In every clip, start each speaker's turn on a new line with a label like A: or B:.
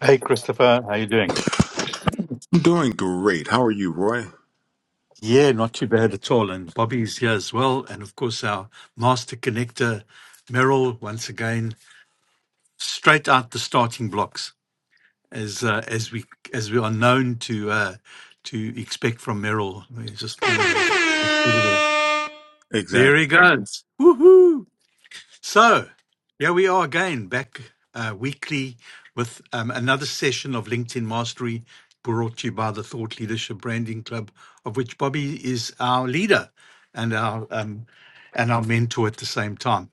A: Hey, Christopher, how you doing?
B: Doing great. How are you, Roy?
A: Yeah, not too bad at all. And Bobby's here as well. And of course, our master connector, Merrill, once again, straight out the starting blocks, as uh, as we as we are known to uh, to expect from Merrill. He's just one of these.
B: Exactly.
A: There he goes. Woohoo! So here we are again, back uh, weekly with um, another session of LinkedIn Mastery brought to you by the Thought Leadership Branding Club, of which Bobby is our leader and our um, and our mentor at the same time.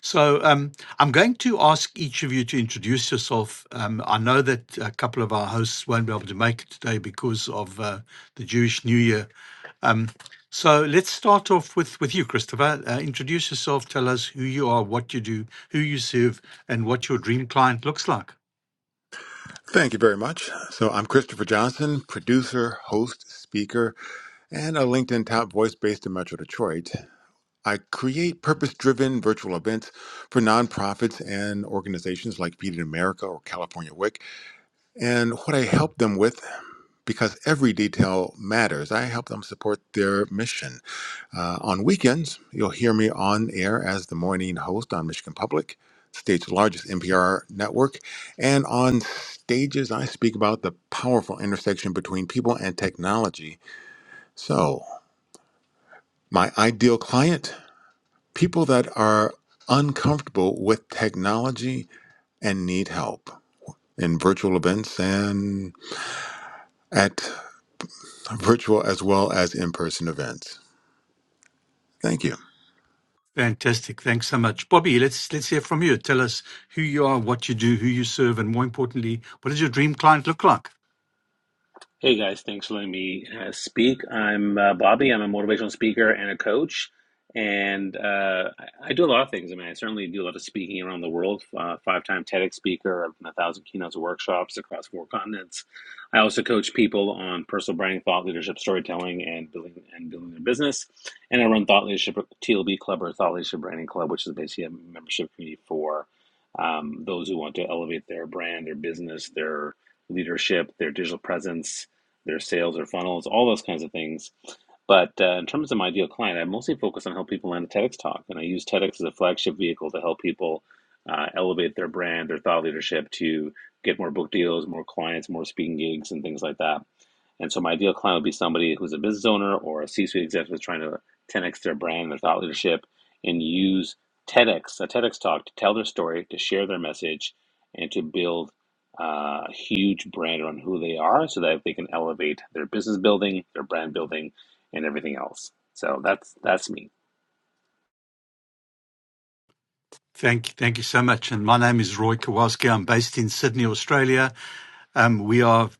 A: So um, I'm going to ask each of you to introduce yourself. Um, I know that a couple of our hosts won't be able to make it today because of uh, the Jewish New Year, um, so let's start off with, with you, Christopher. Uh, introduce yourself, tell us who you are, what you do, who you serve, and what your dream client looks like.
B: Thank you very much. So, I'm Christopher Johnson, producer, host, speaker, and a LinkedIn top voice based in Metro Detroit. I create purpose driven virtual events for nonprofits and organizations like Feed It America or California WIC. And what I help them with, because every detail matters, I help them support their mission. Uh, on weekends, you'll hear me on air as the morning host on Michigan Public, state's largest NPR network. And on stages, I speak about the powerful intersection between people and technology. So, my ideal client people that are uncomfortable with technology and need help in virtual events and at virtual as well as in person events. Thank you.
A: Fantastic. Thanks so much. Bobby, let's let's hear from you. Tell us who you are, what you do, who you serve, and more importantly, what does your dream client look like?
C: Hey guys, thanks for letting me uh, speak. I'm uh, Bobby. I'm a motivational speaker and a coach, and uh, I, I do a lot of things. I mean, I certainly do a lot of speaking around the world. Uh, Five-time TEDx speaker. I've done a thousand keynotes, and workshops across four continents. I also coach people on personal branding, thought leadership, storytelling, and building and building their business. And I run Thought Leadership TLB Club or Thought Leadership Branding Club, which is basically a membership community for um, those who want to elevate their brand, their business, their leadership, their digital presence their sales, or funnels, all those kinds of things. But uh, in terms of my ideal client, I mostly focus on helping people land a TEDx talk, and I use TEDx as a flagship vehicle to help people uh, elevate their brand, their thought leadership, to get more book deals, more clients, more speaking gigs, and things like that. And so my ideal client would be somebody who's a business owner or a C-suite executive trying to 10x their brand, their thought leadership, and use TEDx, a TEDx talk, to tell their story, to share their message, and to build uh, huge brand on who they are so that they can elevate their business building, their brand building, and everything else. So that's that's me.
A: Thank you, thank you so much. And my name is Roy Kowalski. I'm based in Sydney, Australia. Um, we are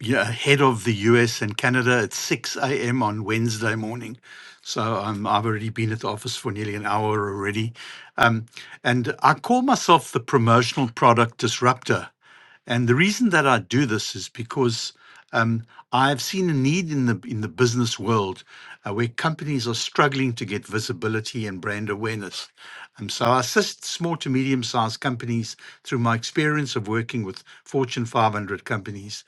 A: yeah, ahead of the US and Canada at 6 a.m. on Wednesday morning. So um, I've already been at the office for nearly an hour already. Um, and I call myself the promotional product disruptor. And the reason that I do this is because um, I've seen a need in the in the business world uh, where companies are struggling to get visibility and brand awareness. Um, so I assist small to medium sized companies through my experience of working with Fortune 500 companies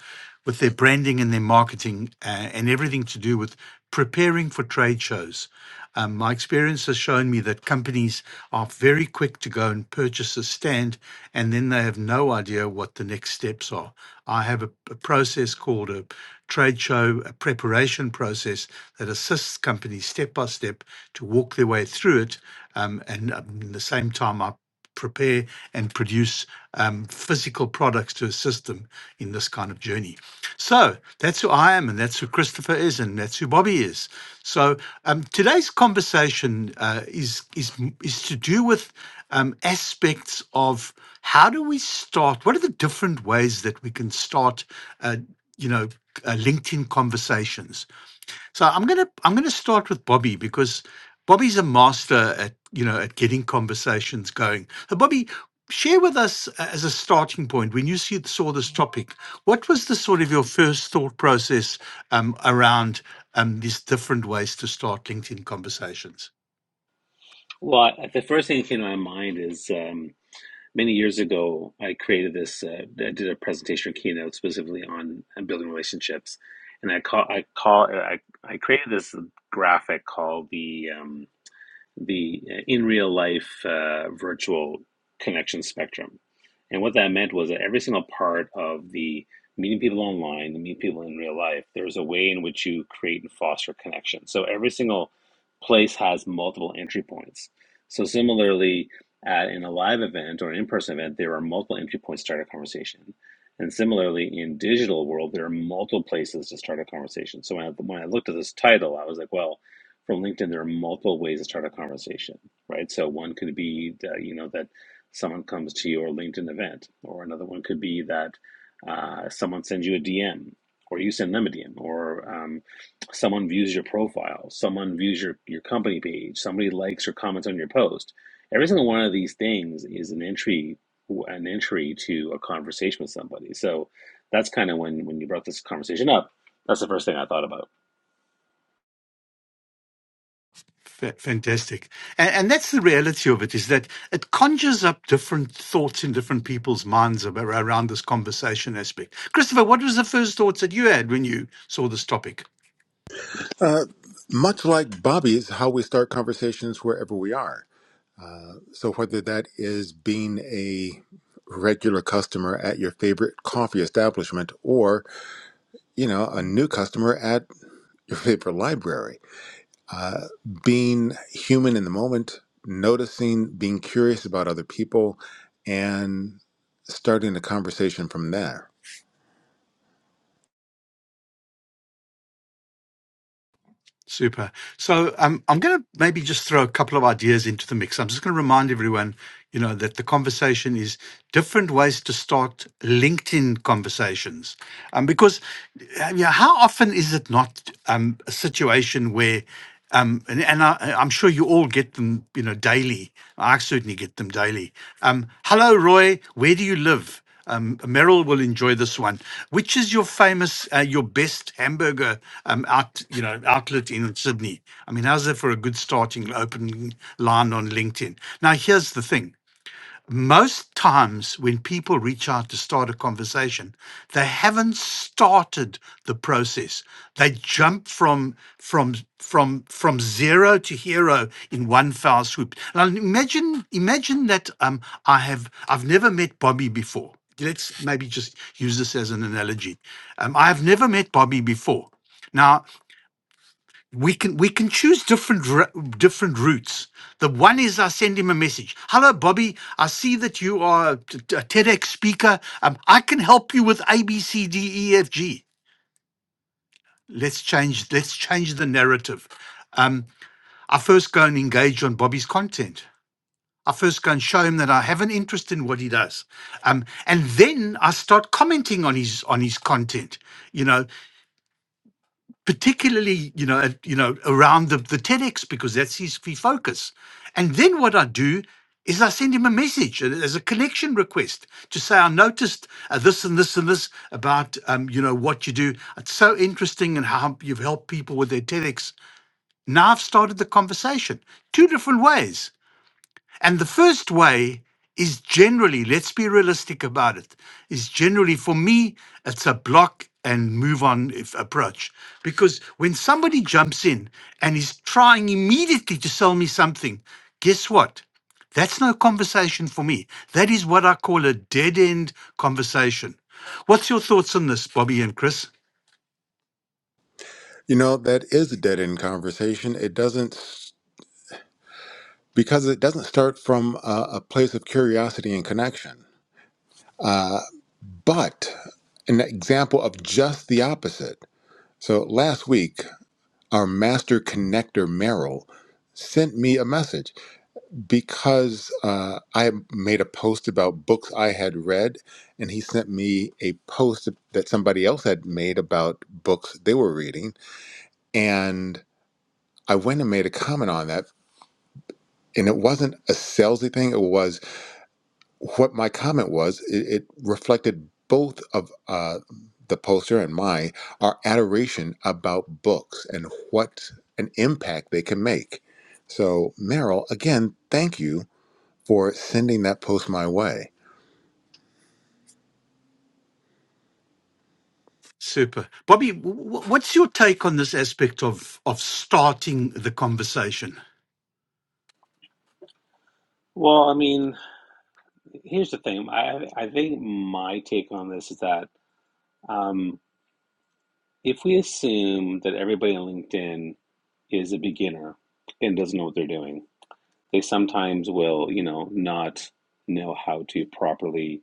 A: with their branding and their marketing uh, and everything to do with preparing for trade shows. Um, my experience has shown me that companies are very quick to go and purchase a stand, and then they have no idea what the next steps are. I have a, a process called a trade show a preparation process that assists companies step by step to walk their way through it. Um, and um, at the same time, I prepare and produce um, physical products to assist them in this kind of journey. So that's who I am, and that's who Christopher is, and that's who Bobby is. So um, today's conversation uh, is is is to do with um, aspects of how do we start? What are the different ways that we can start? Uh, you know, uh, LinkedIn conversations. So I'm gonna I'm gonna start with Bobby because Bobby's a master at you know at getting conversations going. So Bobby, share with us uh, as a starting point when you see, saw this topic, what was the sort of your first thought process um, around um, these different ways to start LinkedIn conversations?
C: Well, I- the first thing that came to my mind is um, many years ago, I created this, uh, I did a presentation or keynote specifically on, on building relationships. And I call, I call, I, I created this graphic called the, um, the uh, in real life uh, virtual connection spectrum. And what that meant was that every single part of the meeting people online, the meeting people in real life, there's a way in which you create and foster connection. So every single place has multiple entry points. So similarly, at in a live event or an in-person event, there are multiple entry points to start a conversation. And similarly, in digital world, there are multiple places to start a conversation. So when I, when I looked at this title, I was like, well, from LinkedIn, there are multiple ways to start a conversation, right? So one could be that, you know that someone comes to your LinkedIn event, or another one could be that uh, someone sends you a DM, or you send them a DM, or um, someone views your profile, someone views your your company page, somebody likes or comments on your post. Every single one of these things is an entry an entry to a conversation with somebody. So that's kind of when when you brought this conversation up. That's the first thing I thought about.
A: Fa- Fantastic, and, and that's the reality of it: is that it conjures up different thoughts in different people's minds about, around this conversation aspect. Christopher, what was the first thoughts that you had when you saw this topic?
B: Much like Bobby's, how we start conversations wherever we are. So whether that is being a regular customer at your favorite coffee establishment or, you know, a new customer at your favorite library, uh, being human in the moment, noticing, being curious about other people, and starting a conversation from there.
A: Super. So um, I'm going to maybe just throw a couple of ideas into the mix. I'm just going to remind everyone, you know, that the conversation is different ways to start LinkedIn conversations, um, because uh, you know, how often is it not um, a situation where um, and, and I, I'm sure you all get them, you know, daily. I certainly get them daily. Um, Hello, Roy. Where do you live? Um, Meryl will enjoy this one. Which is your famous, uh, your best hamburger um, out, you know, outlet in Sydney? I mean, how's that for a good starting opening line on LinkedIn? Now, here's the thing most times when people reach out to start a conversation they haven't started the process they jump from from from from zero to hero in one foul swoop and imagine imagine that um i have i've never met bobby before let's maybe just use this as an analogy um, i've never met bobby before now we can we can choose different ru- different routes. The one is I send him a message. Hello, Bobby. I see that you are a t- t- a TEDx speaker. Um, I can help you with A, B, C, D, E, F, G. Let's change. Let's change the narrative. Um, I first go and engage on Bobby's content. I first go and show him that I have an interest in what he does, um, and then I start commenting on his on his content. You know, particularly you know at- you know around the, the TEDx because that's his key focus. And then what I do is I send him a message a- as a connection request to say I noticed uh, this and this and this about um, you know what you do. It's so interesting and how you've helped people with their TEDx. Now I've started the conversation two different ways and the first way is generally, let's be realistic about it, is generally for me, it's a block and move on if approach. Because when somebody jumps in and is trying immediately to sell me something, guess what? That's no conversation for me. That is what I call a dead end conversation. What's your thoughts on this, Bobby and Chris?
B: You know, that is a dead end conversation. It doesn't, because it doesn't start from a, a place of curiosity and connection. Uh, but an example of just the opposite. So last week, our master connector, Merrill, sent me a message because uh, I made a post about books I had read, and he sent me a post that somebody else had made about books they were reading. And I went and made a comment on that. And it wasn't a salesy thing. It was what my comment was, it, it reflected both of uh, the poster and my our adoration about books and what an impact they can make. So, Merrill, again, thank you for sending that post my way.
A: Super. Bobby, wh- wh- what's your take on this aspect of, of starting the conversation?
C: Well, I mean, Here's the thing. I I think my take on this is that um, if we assume that everybody on LinkedIn is a beginner and doesn't know what they're doing, they sometimes will, you know, not know how to properly,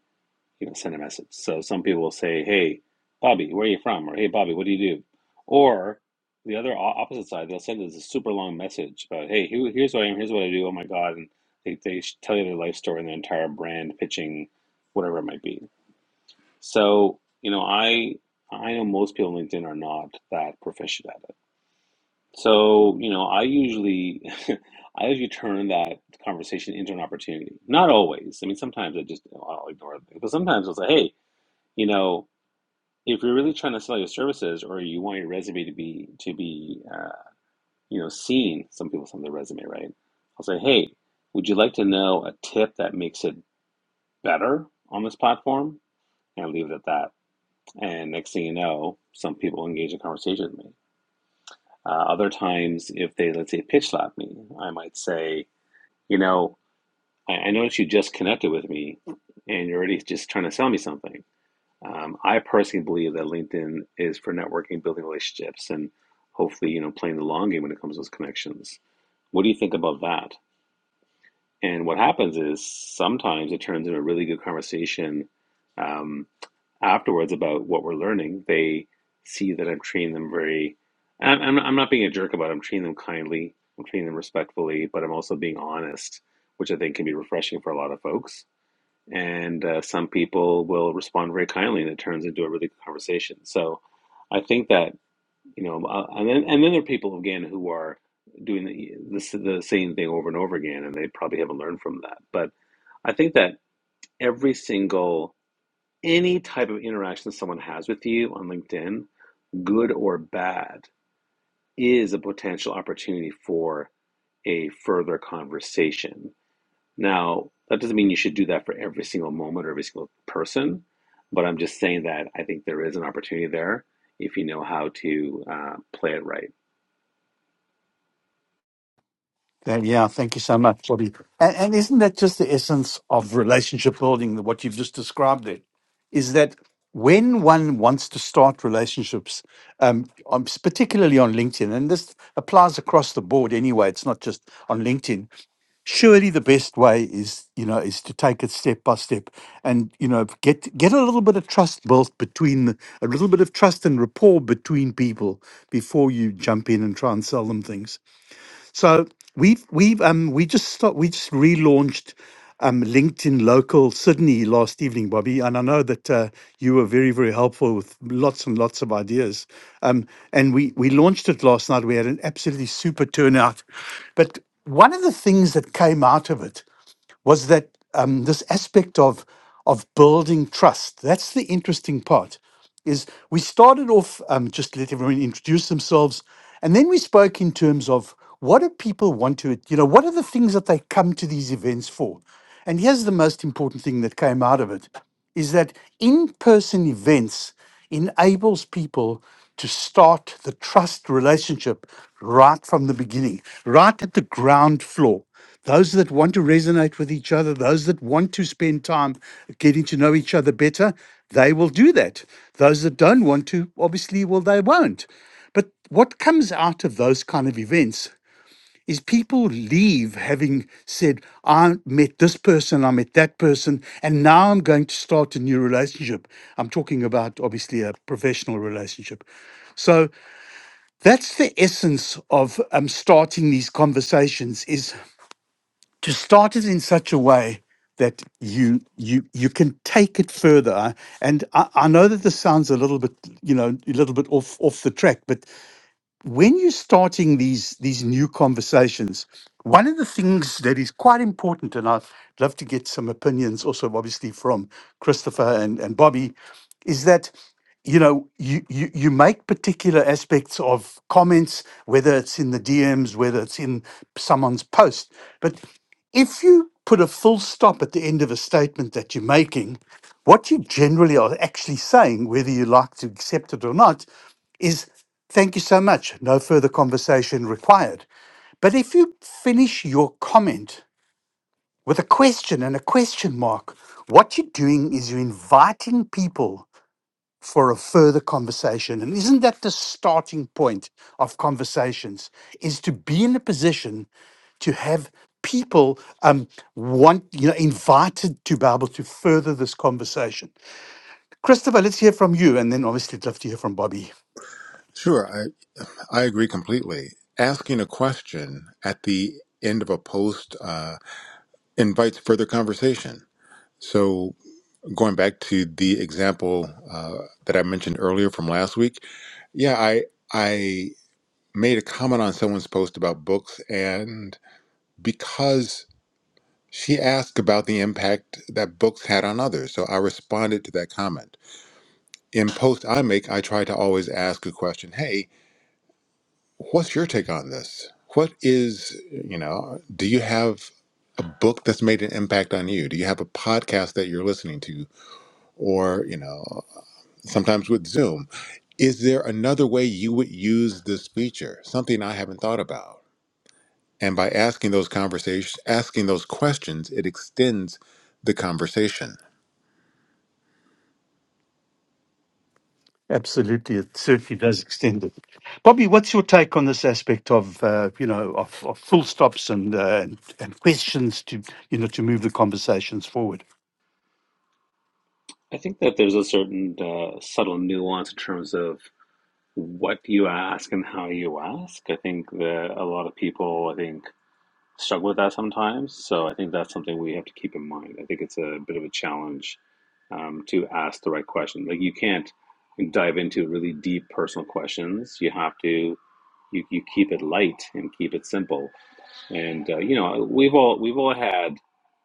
C: you know, send a message. So some people will say, "Hey, Bobby, where are you from?" or "Hey, Bobby, what do you do?" Or the other opposite side, they'll send us a super long message about, "Hey, here- here's who I am. Here's what I do. Oh my God!" And they they tell you their life story and their entire brand pitching, whatever it might be. So, you know, I I know most people on LinkedIn are not that proficient at it. So, you know, I usually I usually turn that conversation into an opportunity. Not always. I mean, sometimes I just I'll ignore it. But sometimes I'll say, hey, you know, if you're really trying to sell your services or you want your resume to be to be uh, you know seen, some people send their resume right. I'll say, hey, would you like to know a tip that makes it better on this platform? And I leave it at that And next thing you know, some people engage in conversation with me. Uh, other times, if they, let's say, pitch slap me, I might say, you know, I, I noticed you just connected with me and you're already just trying to sell me something. Um, I personally believe that LinkedIn is for networking, building relationships, and hopefully, you know, playing the long game when it comes to those connections. What do you think about that? And what happens is sometimes it turns into a really good conversation Um, afterwards about what we're learning, they see that I'm treating them very. I'm, I'm I'm not being a jerk about it. I'm treating them kindly. I'm treating them respectfully, but I'm also being honest, which I think can be refreshing for a lot of folks. And uh, some people will respond very kindly, and it turns into a really good conversation. So, I think that you know, uh, and then and then there are people again who are doing the, the the same thing over and over again, and they probably haven't learned from that. But I think that every single any type of interaction someone has with you on LinkedIn, good or bad, is a potential opportunity for a further conversation. Now, that doesn't mean you should do that for every single moment or every single person, but I'm just saying that I think there is an opportunity there if you know how to uh, play it right.
A: Then, yeah, thank you so much, Bobby. And, and isn't that just the essence of relationship building, the- what you've just described there? Is that when one wants to start relationships, um, on, particularly on LinkedIn, and this applies across the board anyway, it's not just on LinkedIn, surely the best way is, you know, is to take it step by step and, you know, get get a little bit of trust built between, the, a little bit of trust and rapport between people before you jump in and try and sell them things. So we've we've um we just start, we just relaunched um LinkedIn Local Sydney last evening, Bobby, and I know that uh, you were very very helpful with lots and lots of ideas. Um, and we we launched it last night. We had an absolutely super turnout, but one of the things that came out of it was that um, this aspect of of building trust. That's the interesting part. Is we started off um, just let everyone introduce themselves, and then we spoke in terms of what do people want to, you know, what are the things that they come to these events for? And here's the most important thing that came out of it is that in-person events enables people to start the trust relationship right from the beginning, right at the ground floor those that want to resonate with each other, those that want to spend time getting to know each other better, they will do that. Those that don't want to, obviously, well, they won't. But what comes out of those kind of events is people leave having said, I met this person, I met that person, and now I'm going to start a new relationship. I'm talking about, obviously, a professional relationship. So that's the essence of um, starting these conversations is to start it in such a way that you you you can take it further and I, I know that this sounds a little bit you know a little bit off off the track but when you're starting these these new conversations, one of the things that is quite important, and I'd love to get some opinions also obviously from Christopher and, and Bobby, is that you know you, you you make particular aspects of comments, whether it's in the DMs, whether it's in someone's post. But if you put a full stop at the end of a statement that you're making, what you generally are actually saying, whether you like to accept it or not, is thank you so much. No further conversation required. But if you finish your comment with a question and a question mark, what you're doing is you're inviting people for a further conversation. And isn't that the starting point of conversations? Is to be in a position to have people um, want, you know, invited to be able to further this conversation. Christopher, let's hear from you. And then obviously, I'd love to hear from Bobby.
B: Sure, I, I agree completely. Asking a question at the end of a post uh, invites further conversation. So, going back to the example uh, that I mentioned earlier from last week, yeah, I I made a comment on someone's post about books, and because she asked about the impact that books had on others, so I responded to that comment. In posts I make, I try to always ask a question Hey, what's your take on this? What is, you know, do you have a book that's made an impact on you? Do you have a podcast that you're listening to? Or, you know, sometimes with Zoom, is there another way you would use this feature? Something I haven't thought about And by asking those conversations, asking those questions, it extends the conversation.
A: Absolutely, it certainly does extend it. Bobby, what's your take on this aspect of uh, you know of, of full stops and, uh, and and questions to you know to move the conversations forward?
C: I think that there's a certain uh, subtle nuance in terms of what you ask and how you ask. I think that a lot of people, I think, struggle with that sometimes. So I think that's something we have to keep in mind. I think it's a bit of a challenge um, to ask the right question. Like you can't dive into really deep personal questions. You have to you, you keep it light and keep it simple. And uh, you know, we've all we've all had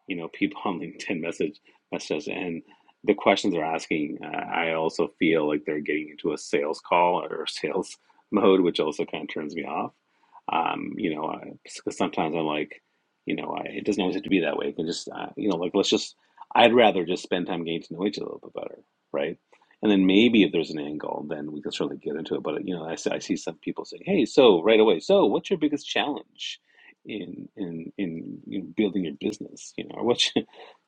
C: you know people on LinkedIn message messages, and the questions they're asking. Uh, I also feel like they're getting into a sales call or sales mode, which also kind of turns me off. Um, you know, I- because sometimes I'm like, you know, I, it doesn't always have to be that way. It can just, uh, you know, like let's just. I'd rather just spend time getting to know each other a little bit better, right? And then maybe if there's an angle, then we can certainly get into it. But you know, I, see- I see some people saying, "Hey, so right away, so what's your biggest challenge?" in in in, in building your business you know what you,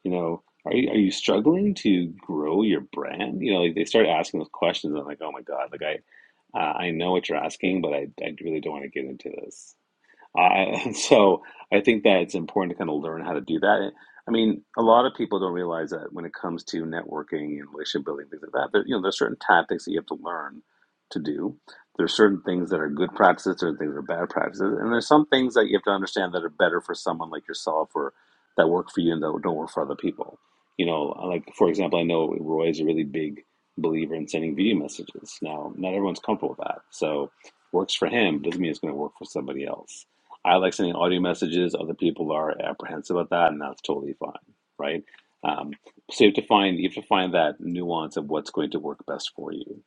C: you know are you, are you struggling to grow your brand you know like they start asking those questions i'm like oh my god like i uh, i know what you're asking but i, I really don't want to get into this I, and so I think that it's important to kind of learn how to do that. I mean, a lot of people don't realize that when it comes to networking and relationship building, things like that, there, you know, there's certain tactics that you have to learn to do. There's certain things that are good practices, certain things that are bad practices, and there's some things that you have to understand that are better for someone like yourself or that work for you and that don't work for other people. You know, like for example, I know Roy is a really big believer in sending video messages. Now, not everyone's comfortable with that, so works for him doesn't mean it's going to work for somebody else I like sending audio messages. Other people are apprehensive about that, and that's totally fine, right? Um, so you have to find you have to find that nuance of what's going to work best for you.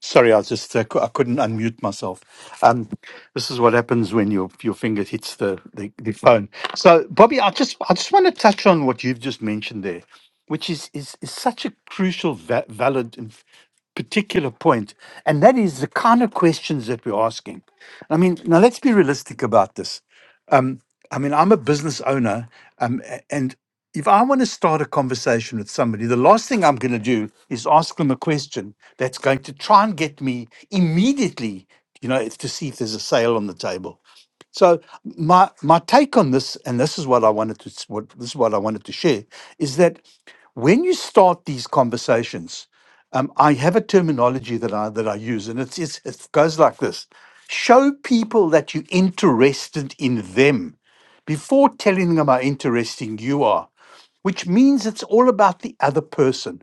A: Sorry, I just uh, cou- I couldn't unmute myself. Um, this is what happens when your your finger hits the, the, the phone. So, Bobby, I just I just want to touch on what you've just mentioned there, which is is, is such a crucial, va- valid, and particular point, and that is the kind of questions that we're asking. I mean, now let's be realistic about this um, I mean, I'm a business owner, um, a- and if I want to start a conversation with somebody, the last thing I'm going to do is ask them a question that's going to try and get me immediately, you know, if- to see if there's a sale on the table. So my my take on this, and this is what I wanted to s- what this is what I wanted to share, is that when you start these conversations, um, I have a terminology that I that I use, and it's, it's it goes like this: show people that you're interested in them before telling them how interesting you are, which means it's all about the other person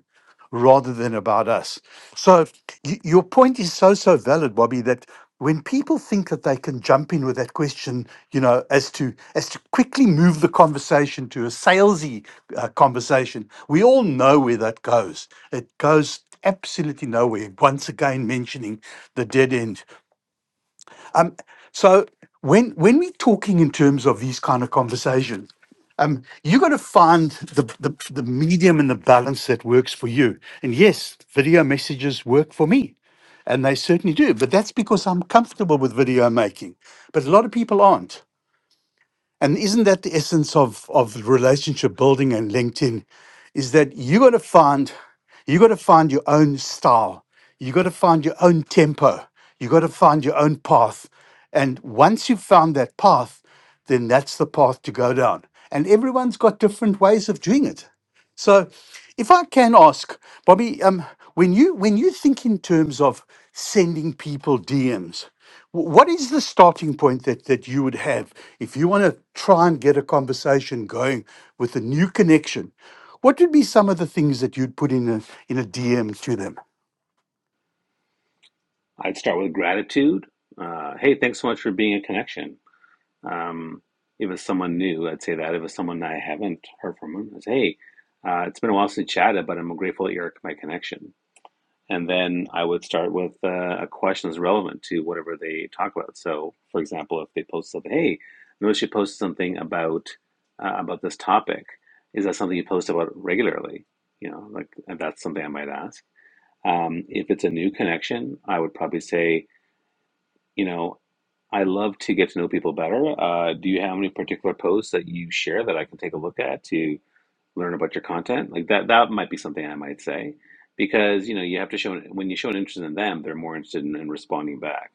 A: rather than about us. So y- your point is so so valid, Bobby. That when people think that they can jump in with that question, you know, as to as to quickly move the conversation to a salesy uh, conversation, we all know where that goes. It goes absolutely nowhere. Once again, mentioning the dead end. Um, so when when we're talking in terms of these kind of conversations, um, you're going to find the, the the medium and the balance that works for you. And yes, video messages work for me, and they certainly do. But that's because I'm comfortable with video making. But a lot of people aren't. And isn't that the essence of, of relationship building and LinkedIn? Is that you gotta find you gotta find your own style. You gotta find your own tempo. You gotta find your own path. And once you've found that path, then that's the path to go down. And everyone's got different ways of doing it. So, if I can ask, Bobby, um, when you when you think in terms of sending people DMs, wh- what is the starting point that that you would have if you want to try and get a conversation going with a new connection? What would be some of the things that you'd put in a in a DM to them?
C: I'd start with gratitude. Uh, hey, thanks so much for being a connection. Um, if it's someone new, I'd say that. If it's someone I haven't heard from, I'd say, hey, uh, it's been a while since we chatted, but I'm grateful that you're my connection And then I would start with uh, a question that's relevant to whatever they talk about. So, for example, if they post something, hey, notice you posted something about uh, about this topic. Is that something you post about regularly? You know, like and that's something I might ask. Um, if it's a new connection, I would probably say, you know, I love to get to know people better. Uh, do you have any particular posts that you share that I can take a look at to learn about your content like that that might be something i might say because you know you have to show when you show an interest in them they're more interested in, in responding back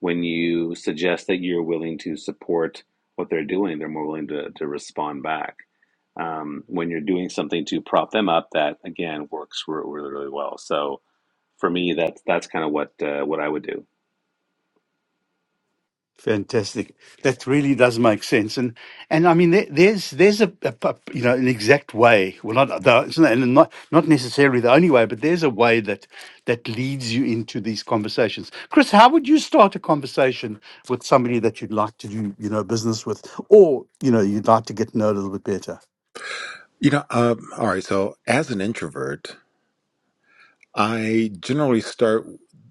C: when you suggest that you're willing to support what they're doing they're more willing to, to respond back um, when you're doing something to prop them up that again works re- really really well so for me that's that's kind of what uh, what i would do
A: Fantastic. That really does make sense, and and I mean there, there's there's a, a a- you know an exact way. Well, not the, it's not and not not necessarily the only way, but there's a way that that leads you into these conversations. Chris, how would you start a conversation with somebody that you'd like to do you know business with, or you know you'd like to get to know a little bit better?
B: You know, uh, all right. So as an introvert, I generally start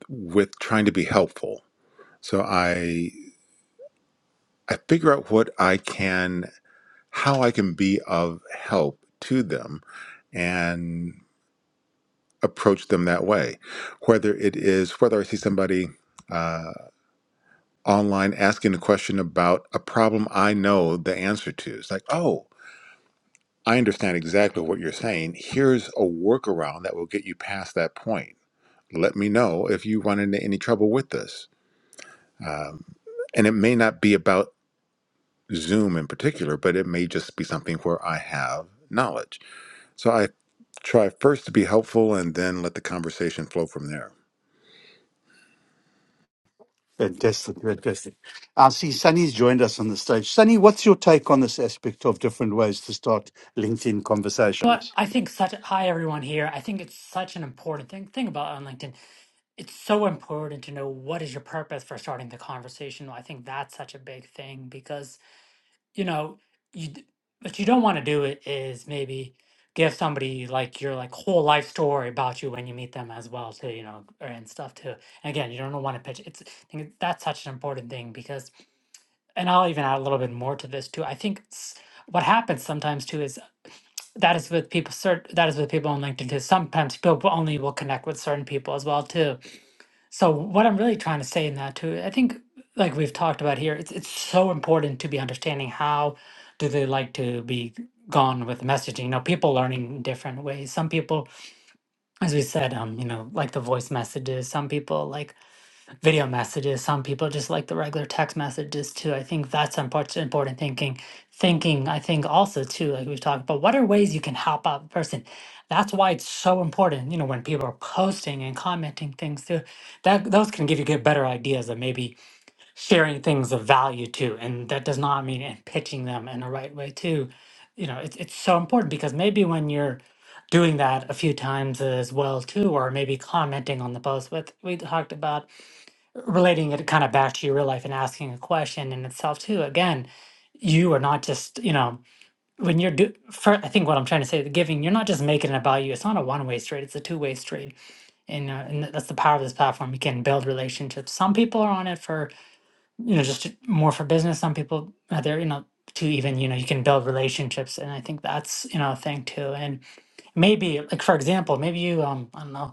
B: with trying to be helpful. So I I figure out what I can, how I can be of help to them, and approach them that way. Whether it is whether I see somebody uh, online asking a question about a problem I know the answer to, it's like, oh, I understand exactly what you're saying. Here's a workaround that will get you past that point. Let me know if you run into any trouble with this. And it may not be about Zoom in particular, but it may just be something where I have knowledge. So I try first to be helpful and then let the conversation flow from there.
A: Fantastic, fantastic. I see Sunny's joined us on the stage. Sunny, what's your take on this aspect of different ways to start LinkedIn conversations?
D: But I think such hi everyone here. I think it's such an important thing thing about on LinkedIn. It's so important to know what is your purpose for starting the conversation. I think that's such a big thing because you know you d- what you don't want to do it is maybe give somebody like your like whole life story about you when you meet them as well too you know or- and stuff too. And again, you don't want to pitch. It's I think that's such an important thing because and I'll even add a little bit more to this too. I think s- what happens sometimes too is that is with people cert that is with people on linkedin too sometimes people will- only will connect with certain people as well too so what i'm really trying to say in that too i think like we've talked about here it's, it's so important to be understanding how do they like to be gone with messaging you know people learning in different ways some people as we said um you know like the voice messages some people like video messages. Some people just like the regular text messages too. I think that's important important thinking. Thinking, I think also too, like we've talked about, what are ways you can help out the person? That's why it's so important, you know, when people are posting and commenting things too. That those can give you good better ideas of maybe sharing things of value too. And that does not mean and pitching them in the right way too. You know, it's it's so important because maybe when you're doing that a few times as well too, or maybe commenting on the post, what we talked about relating it kind of back to your real life and asking a question in itself too again you are not just you know when you're do for i think what i'm trying to say the giving you're not just making it about you it's not a one-way street it's a two-way street and, uh, and th- that's the power of this platform you can build relationships some people are on it for you know just to- more for business some people uh, they're you know to even you know you can build relationships and i think that's you know a thing too and maybe like for example maybe you um i don't know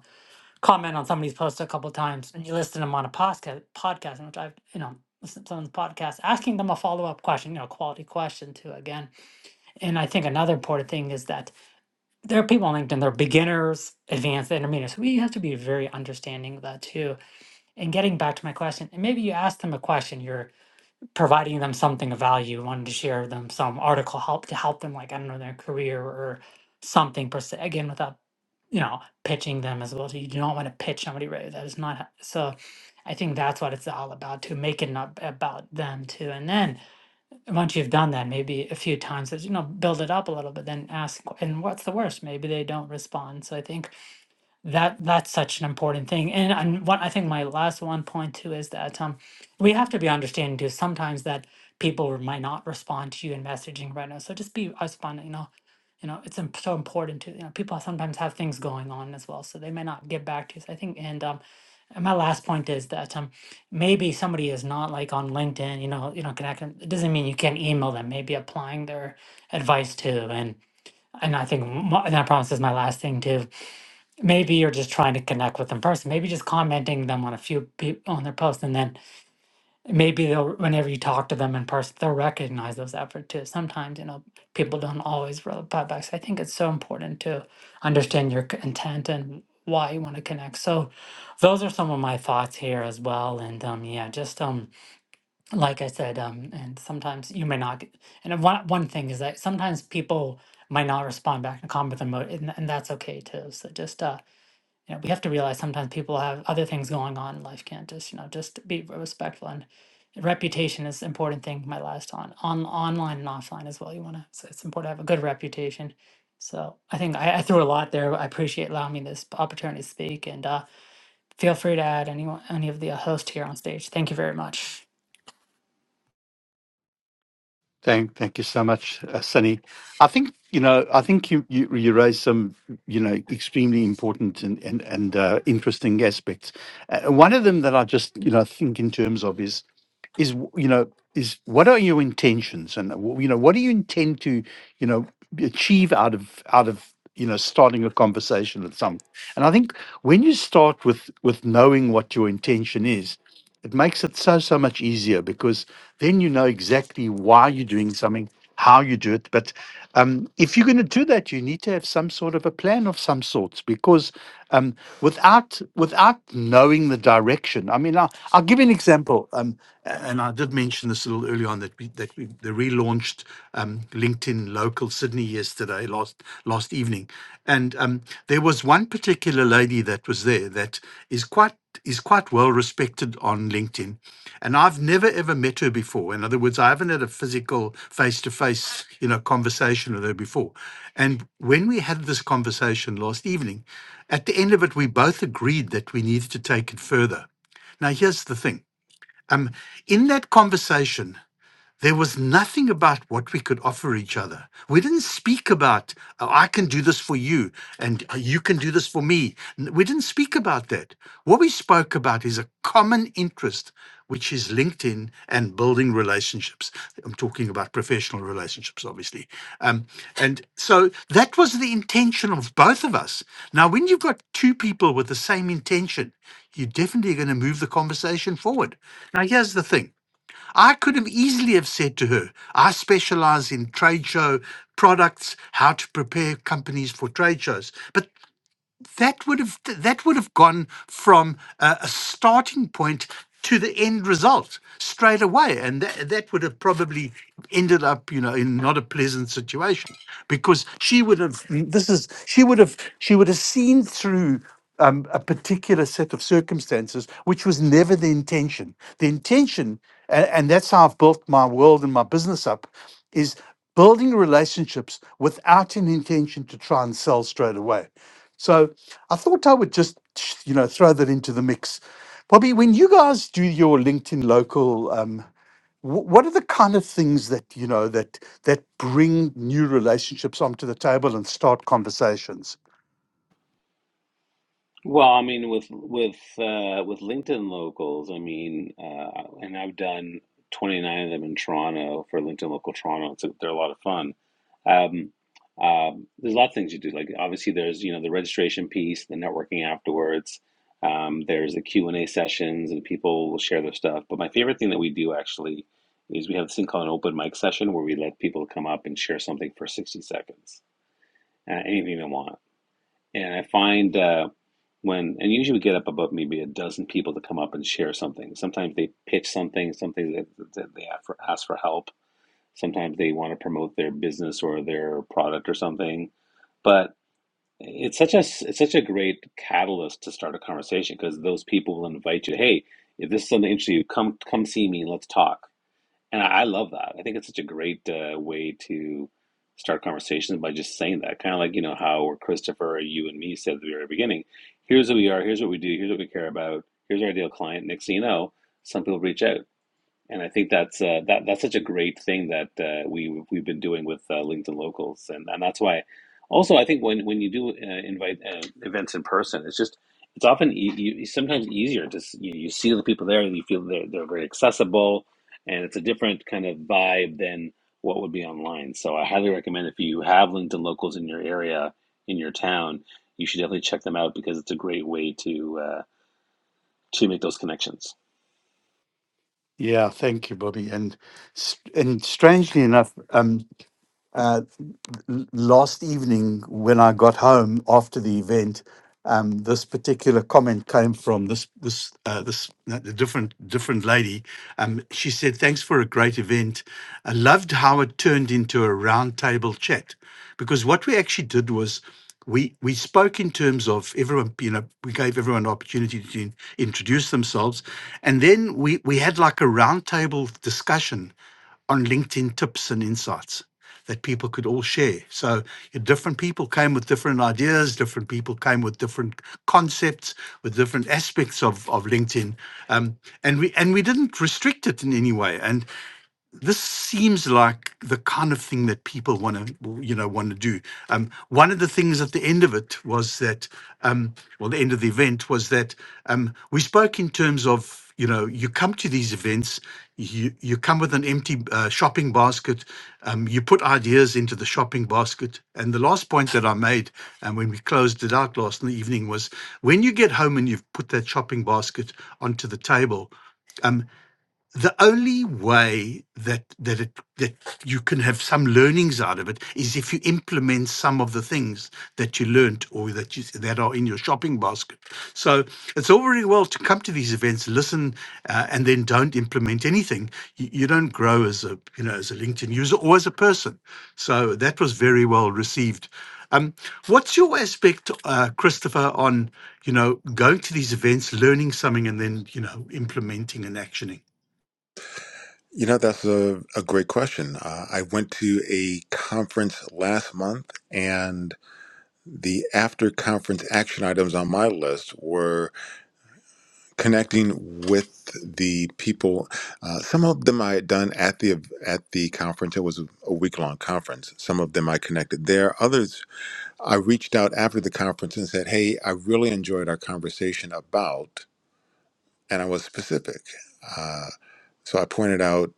D: comment on somebody's post a couple times and you listen to them on a podcast podcast in which I've you know listened to someone's podcast asking them a follow-up question you know quality question too again and I think another important thing is that there are people on LinkedIn they're beginners advanced intermediate so we have to be very understanding of that too and getting back to my question and maybe you ask them a question you're providing them something of value, wanted to share with them some article help to help them, like, I don't know, their career or something per se. Again, without, you know, pitching them as well. So you do not want to pitch somebody, right? That is not h- so. I think that's what it's all about to make it not about them too. And then once you've done that, maybe a few times, as you know, build it up a little bit, then ask, and what's the worst? Maybe they don't respond. So I think that that's such an important thing and and one i think my last one point too is that um we have to be understanding too sometimes that people might not respond to you in messaging right now so just be responding you know you know it's imp- so important to you know people sometimes have things going on as well so they may not get back to you so i think and um and my last point is that um maybe somebody is not like on linkedin you know you know connecting it doesn't mean you can't email them maybe applying their advice too and and i think mo- and i promise this is my last thing too maybe you're just trying to connect with them first maybe just commenting them on a few pe- on their posts and then maybe they'll whenever you talk to them in person they'll recognize those effort too sometimes you know people don't always reply back so i think it's so important to understand your c- intent and why you want to connect so those are some of my thoughts here as well and um yeah just um like i said um and sometimes you may not get, and one one thing is that sometimes people might not respond back and comment them and, and that's okay too so just uh you know, we have to realize sometimes people have other things going on in life. Can't just you know just be respectful and reputation is an important thing. My last on on online and offline as well. You want to so it's important to have a good reputation. So I think I, I threw a lot there. but I appreciate allowing me this opportunity to speak and uh, feel free to add any any of the host here on stage. Thank you very much.
A: Thank, thank you so much, uh, Sunny. I think you know. I think you you, you raised some you know extremely important and and, and uh, interesting aspects. Uh, one of them that I just you know think in terms of is is w- you know is what are your intentions and w- you know what do you intend to you know b- achieve out of out of you know starting a conversation with some and i think when you start with with knowing what your intention is it makes it so so much easier because then you know exactly why you're doing something how you do it. But um, if you're going to do that, you need to have some sort of a plan of some sorts because um, without without knowing the direction, I mean, I'll, I'll give you an example. Um, a- and I did mention this a little earlier on that we, that we they relaunched um, LinkedIn Local Sydney yesterday, last last evening, and um, um, there was one particular lady that was there that is quite is quite well respected on LinkedIn, and I've never ever met her before. In other words, I haven't had a physical face to face you know conversation with her before. And when we had this conversation last evening, at the end of it, we both agreed that we needed to take it further. Now, here's the thing. Um, in that conversation, there was nothing about what we could offer each other. We didn't speak about, oh, I can do this for you and uh, you can do this for me. N- We didn't speak about that. What we spoke about is a common interest, which is LinkedIn and building relationships. I'm talking about professional relationships, obviously. Um, and so that was the intention of both of us. Now, when you've got two people with the same intention, you're definitely going to move the conversation forward. Now, here's the thing I could have easily have said to her, I specialize in trade show products, how to prepare companies for trade shows. But that would have that would have gone from a, a starting point to the end result straight away and that, that would have probably ended up you know in not a pleasant situation because she would have this is she would have she would have seen through um, a particular set of circumstances which was never the intention the intention and, and that's how i've built my world and my business up is building relationships without an intention to try and sell straight away so I thought I would just, you know, throw that into the mix. Bobby, when you guys do your LinkedIn local, um, wh- what are the kind of things that you know that that bring new relationships onto the table and start conversations?
C: Well, I mean, with with uh, with LinkedIn locals, I mean, uh, and I've done 29 of them in Toronto for LinkedIn Local Toronto. It's a, they're a lot of fun. Um, um, there's a lot of things you do. Like obviously, there's you know the registration piece, the networking afterwards. Um, there's the Q and A sessions, and people will share their stuff. But my favorite thing that we do actually is we have this thing called an open mic session where we let people come up and share something for 60 seconds, uh, anything they want. And I find uh, when, and usually we get up above maybe a dozen people to come up and share something. Sometimes they pitch something, sometimes they, they they ask for, ask for help. Sometimes they want to promote their business or their product or something. But it's such a it's such a great catalyst to start a conversation because those people will invite you. Hey, if this is something interesting, you come come see me. Let's talk and I, I love that. I think it's such a great uh, way to start conversations by just saying that. Kind of like, you know, how Christopher, you and me said at the very beginning, here's who we are, here's what we do, here's what we care about, here's our ideal client. Next thing you know, some people reach out. And I think that's uh, that that's such a great thing that uh, we we've been doing with uh, LinkedIn Locals, and and that's why. Also, I think when when you do uh, invite uh, events in person, it's just it's often e you, sometimes easier. Just you, you see the people there, and you feel they're they're very accessible, and it's a different kind of vibe than what would be online. So I highly recommend if you have LinkedIn Locals in your area, in your town, you should definitely check them out because it's a great way to uh, to make those connections.
A: Yeah, thank you, Bobby. And s- and strangely enough, um, l- last evening when I got home after the event, um, this particular comment came from this this uh, this no, the different different lady. Um, she said, "Thanks for a great event. I loved how it turned into a round table chat, because what we actually did was." We, we spoke in terms of everyone, you know, we gave everyone an opportunity to in- introduce themselves. And then we, we had like a roundtable discussion on LinkedIn tips and insights that people could all share. So uh, different people came with different ideas, different people came with different concepts, with different aspects of, of LinkedIn. Um, and we and we didn't restrict it in any way. And this seems like the kind of thing that people want to you know want to do um, one of the things at the end of it was that um, well the end of the event was that um, we spoke in terms of you know you come to these events you you come with an empty uh, shopping basket um, you put ideas into the shopping basket and the last point that i made and when we closed it out last in the evening was when you get home and you've put that shopping basket onto the table um, the only way that that it, that you can have some learnings out of it is if you implement some of the things that you learnt or that you that are in your shopping basket. So it's all very well to come to these events, listen, uh, and then don't implement anything. You, you don't grow as a you know as a LinkedIn user or as a person. So that was very well received. Um, what's your aspect, uh, Christopher, on you know going to these events, learning something, and then you know implementing and actioning?
B: You know, that's a, a great question. Uh, I went to a conference last month, and the after conference action items on my list were connecting with the people. Uh, some of them I had done at the at the conference. It was a week long conference. Some of them I connected there. Others I reached out after the conference and said, "Hey, I really enjoyed our conversation about," and I was specific. Uh, so I pointed out,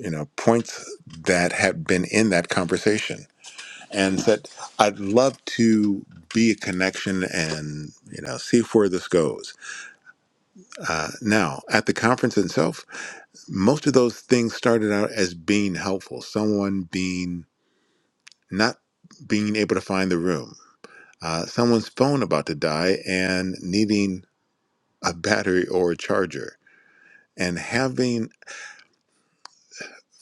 B: you know, points that had been in that conversation, and said, "I'd love to be a connection, and you know, see where this goes." Uh, now, at the conference itself, most of those things started out as being helpful someone being not being able to find the room uh, someone's phone about to die and needing a battery or a charger and having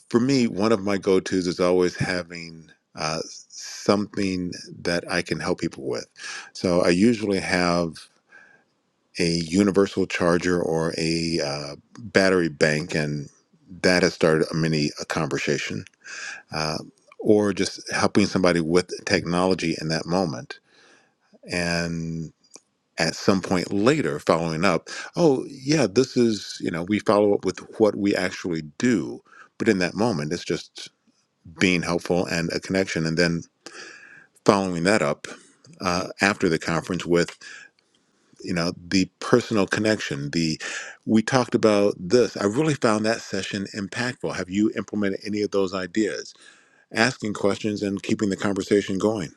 B: for me one of my go-to's is always having uh, something that i can help people with so i usually have a universal charger or a uh, battery bank and that has started a mini a conversation uh, or just helping somebody with technology in that moment. And at some point later, following up, oh, yeah, this is, you know, we follow up with what we actually do. But in that moment, it's just being helpful and a connection. And then following that up uh, after the conference with, you know, the personal connection, the we talked about this. I really found that session impactful. Have you implemented any of those ideas? Asking questions and keeping the conversation going.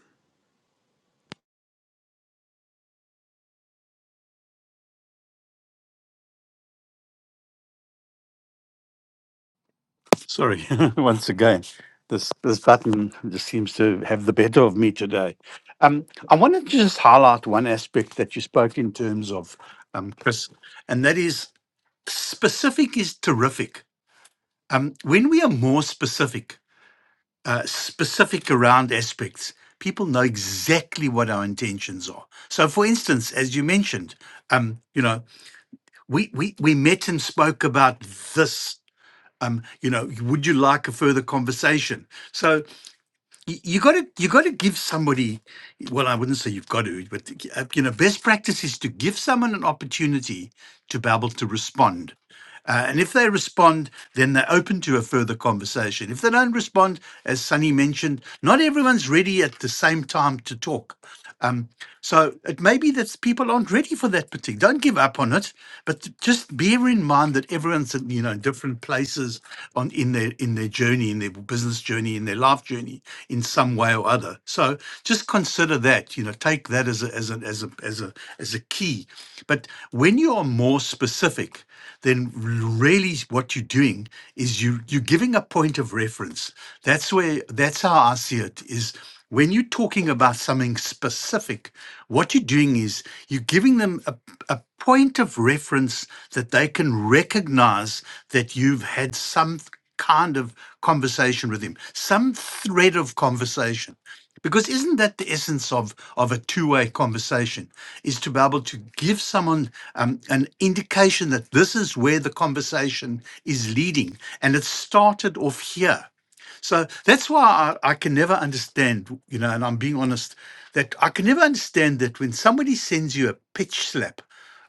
A: Sorry, once again, this this button just seems to have the better of me today. Um, I wanted to just highlight one aspect that you spoke in terms of, um, Chris, and that is specific is terrific. Um, when we are more specific, uh, specific around aspects, people know exactly what our intentions are. So, for instance, as you mentioned, um, you know, we we we met and spoke about this um, you know, would you like a further conversation? So y- you got to you got to give somebody. Well, I wouldn't say you've got to, but uh, you know, best practice is to give someone an opportunity to be able to respond. Uh, and if they respond, then they're open to a further conversation. If they don't respond, as Sunny mentioned, not everyone's ready at the same time to talk. Um, so it may be that people aren't ready for that particular. Don't give up on it, but t- just bear in mind that everyone's at you know in different places on in their in their journey, in their business journey, in their life journey, in some way or other. So just consider that. You know, take that as a as a as a as a as a key. But when you are more specific, then really what you're doing is you you're giving a point of reference. That's where that's how I see it. Is when you're talking about something specific, what you're doing is you're giving them a, a point of reference that they can recognize that you've had some th- kind of conversation with him, some thread of conversation. Because isn't that the essence of, of a two way conversation? Is to be able to give someone um, an indication that this is where the conversation is leading. And it started off here so that's why I, I can never understand, you know, and I'm being honest, that I can never understand that when somebody sends you a pitch slap,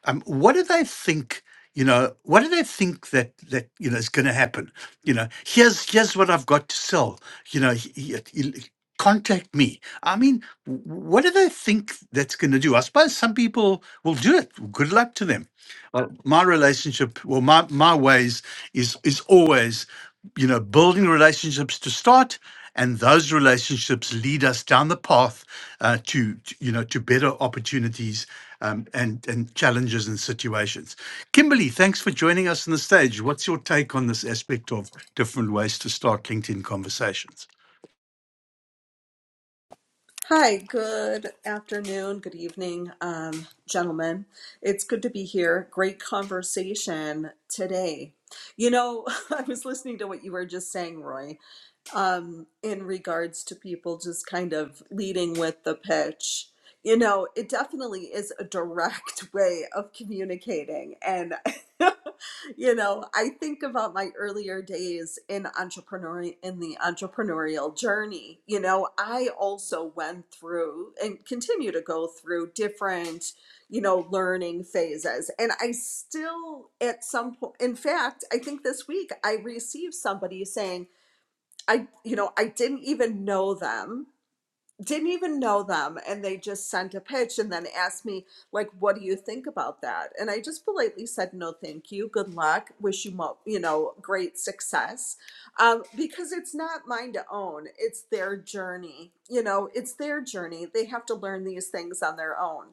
A: um, what do they think? You know, what do they think that that you know is going to happen? You know, here's here's what I've got to sell. You know, he- he- he- contact me. I mean, w- what do they think that's going to do? I suppose some people will do it. Good luck to them. Uh, my relationship, well, my my ways is is always you know, building relationships to start, and those relationships lead us down the path uh, to, to, you know, to better opportunities um, and and challenges and situations. Kimberly, thanks for joining us on the stage. What's your take on this aspect of different ways to start LinkedIn conversations?
E: Hi, good afternoon, good evening, um, gentlemen. It's good to be here. Great conversation today. You know, I was listening to what you were just saying, Roy, um, in regards to people just kind of leading with the pitch. You know, it definitely is a direct way of communicating. And, you know, I think about my earlier days in entrepreneur in the entrepreneurial journey. You know, I also went through and continue to go through different, you know, learning phases. And I still at some point in fact, I think this week I received somebody saying, I, you know, I didn't even know them, didn't even know them. And they just sent a pitch and then asked me, like, what do you think about that? And I just politely said, no, thank you. Good luck. Wish you, mo- you know, great success. Um, because it's not mine to own, it's their journey. You know, it's their journey. They have to learn these things on their own.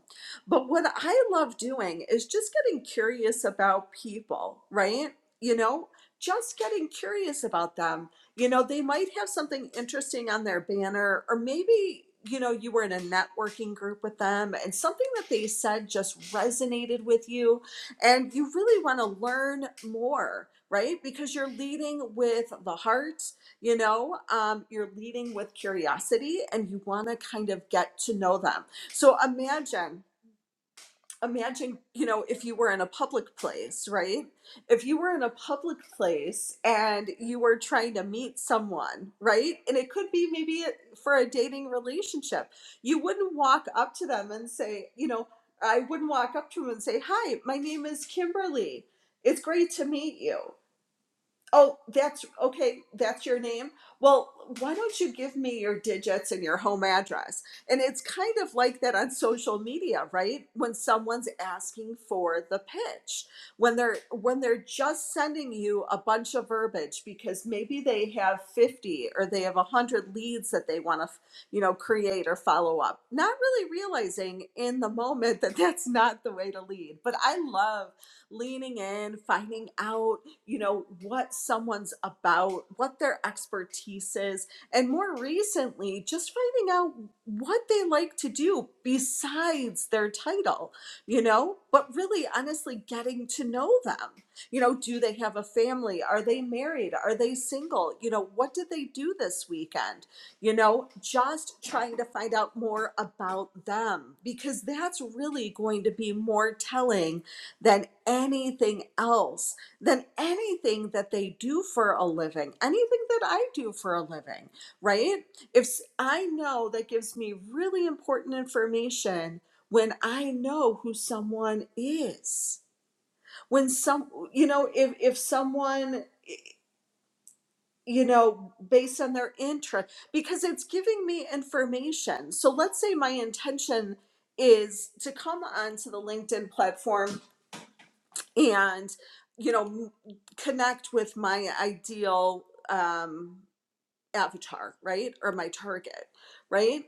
E: But what I love doing is just getting curious about people, right? You know, just getting curious about them you know they might have something interesting on their banner or maybe you know you were in a networking group with them and something that they said just resonated with you and you really want to learn more right because you're leading with the heart you know um, you're leading with curiosity and you want to kind of get to know them so imagine imagine, you know, if you were in a public place, right? If you were in a public place and you were trying to meet someone, right? And it could be maybe for a dating relationship, you wouldn't walk up to them and say, you know, I wouldn't walk up to them and say, Hi, my name is Kimberly. It's great to meet you. Oh, that's okay. That's your name. Well, why don't you give me your digits and your home address? And it's kind of like that on social media, right? When someone's asking for the pitch, when they're when they're just sending you a bunch of verbiage because maybe they have 50 or they have 100 leads that they want to, you know, create or follow up. Not really realizing in the moment that that's not the way to lead. But I love leaning in, finding out you know, what someone's about, what their expertise is, and more recently, just finding out what they like to do besides their title, you know, but really honestly getting to know them. You know, do they have a family? Are they married? Are they single? You know, what did they do this weekend? You know, just trying to find out more about them because that's really going to be more telling than anything else than anything that they do for a living, anything that I do for a living, right? If I know that gives me really important information when I know who someone is. When some, you know, if, if someone, you know, based on their interest, because it's giving me information. So let's say my intention is to come onto the LinkedIn platform and you know m- connect with my ideal um avatar, right? Or my target, right?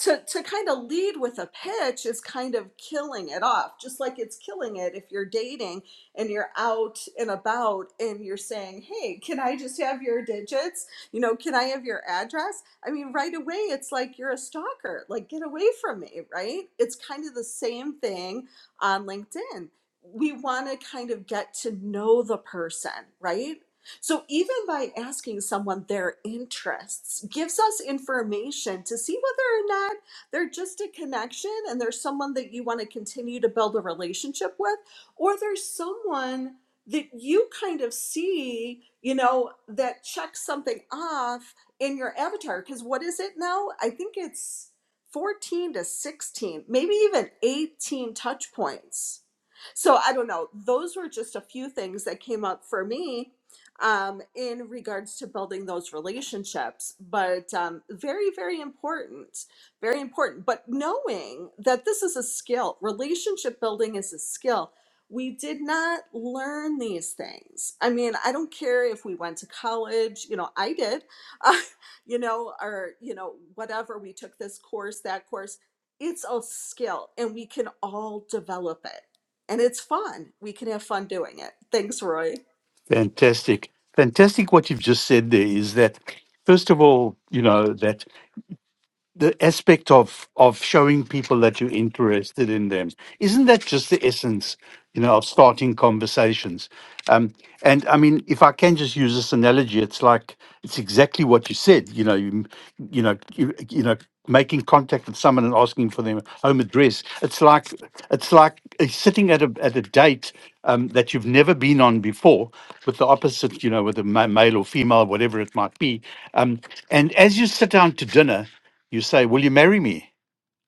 E: To, to kind of lead with a pitch is kind of killing it off, just like it's killing it if you're dating and you're out and about and you're saying, Hey, can I just have your digits? You know, can I have your address? I mean, right away, it's like you're a stalker, like get away from me, right? It's kind of the same thing on LinkedIn. We want to kind of get to know the person, right? So, even by asking someone their interests gives us information to see whether or not they're just a connection and there's someone that you want to continue to build a relationship with, or there's someone that you kind of see, you know, that checks something off in your avatar. Because what is it now? I think it's 14 to 16, maybe even 18 touch points. So I don't know. Those were just a few things that came up for me um, in regards to building those relationships. But um, very, very important, very important. But knowing that this is a skill, relationship building is a skill. We did not learn these things. I mean, I don't care if we went to college, you know, I did, uh, you know, or, you know, whatever, we took this course, that course. It's a skill and we can all develop it. And it's fun. We can have fun doing it. Thanks, Roy.
A: Fantastic. Fantastic what you've just said there is that, first of all, you know, that the aspect of of showing people that you're interested in them isn't that just the essence you know of starting conversations um and i mean if i can just use this analogy it's like it's exactly what you said you know you you know you, you know making contact with someone and asking for their home address it's like it's like uh, sitting at a at a date um, that you've never been on before with the opposite you know with a ma- male or female whatever it might be um, and as you sit down to dinner you say, Will you marry me?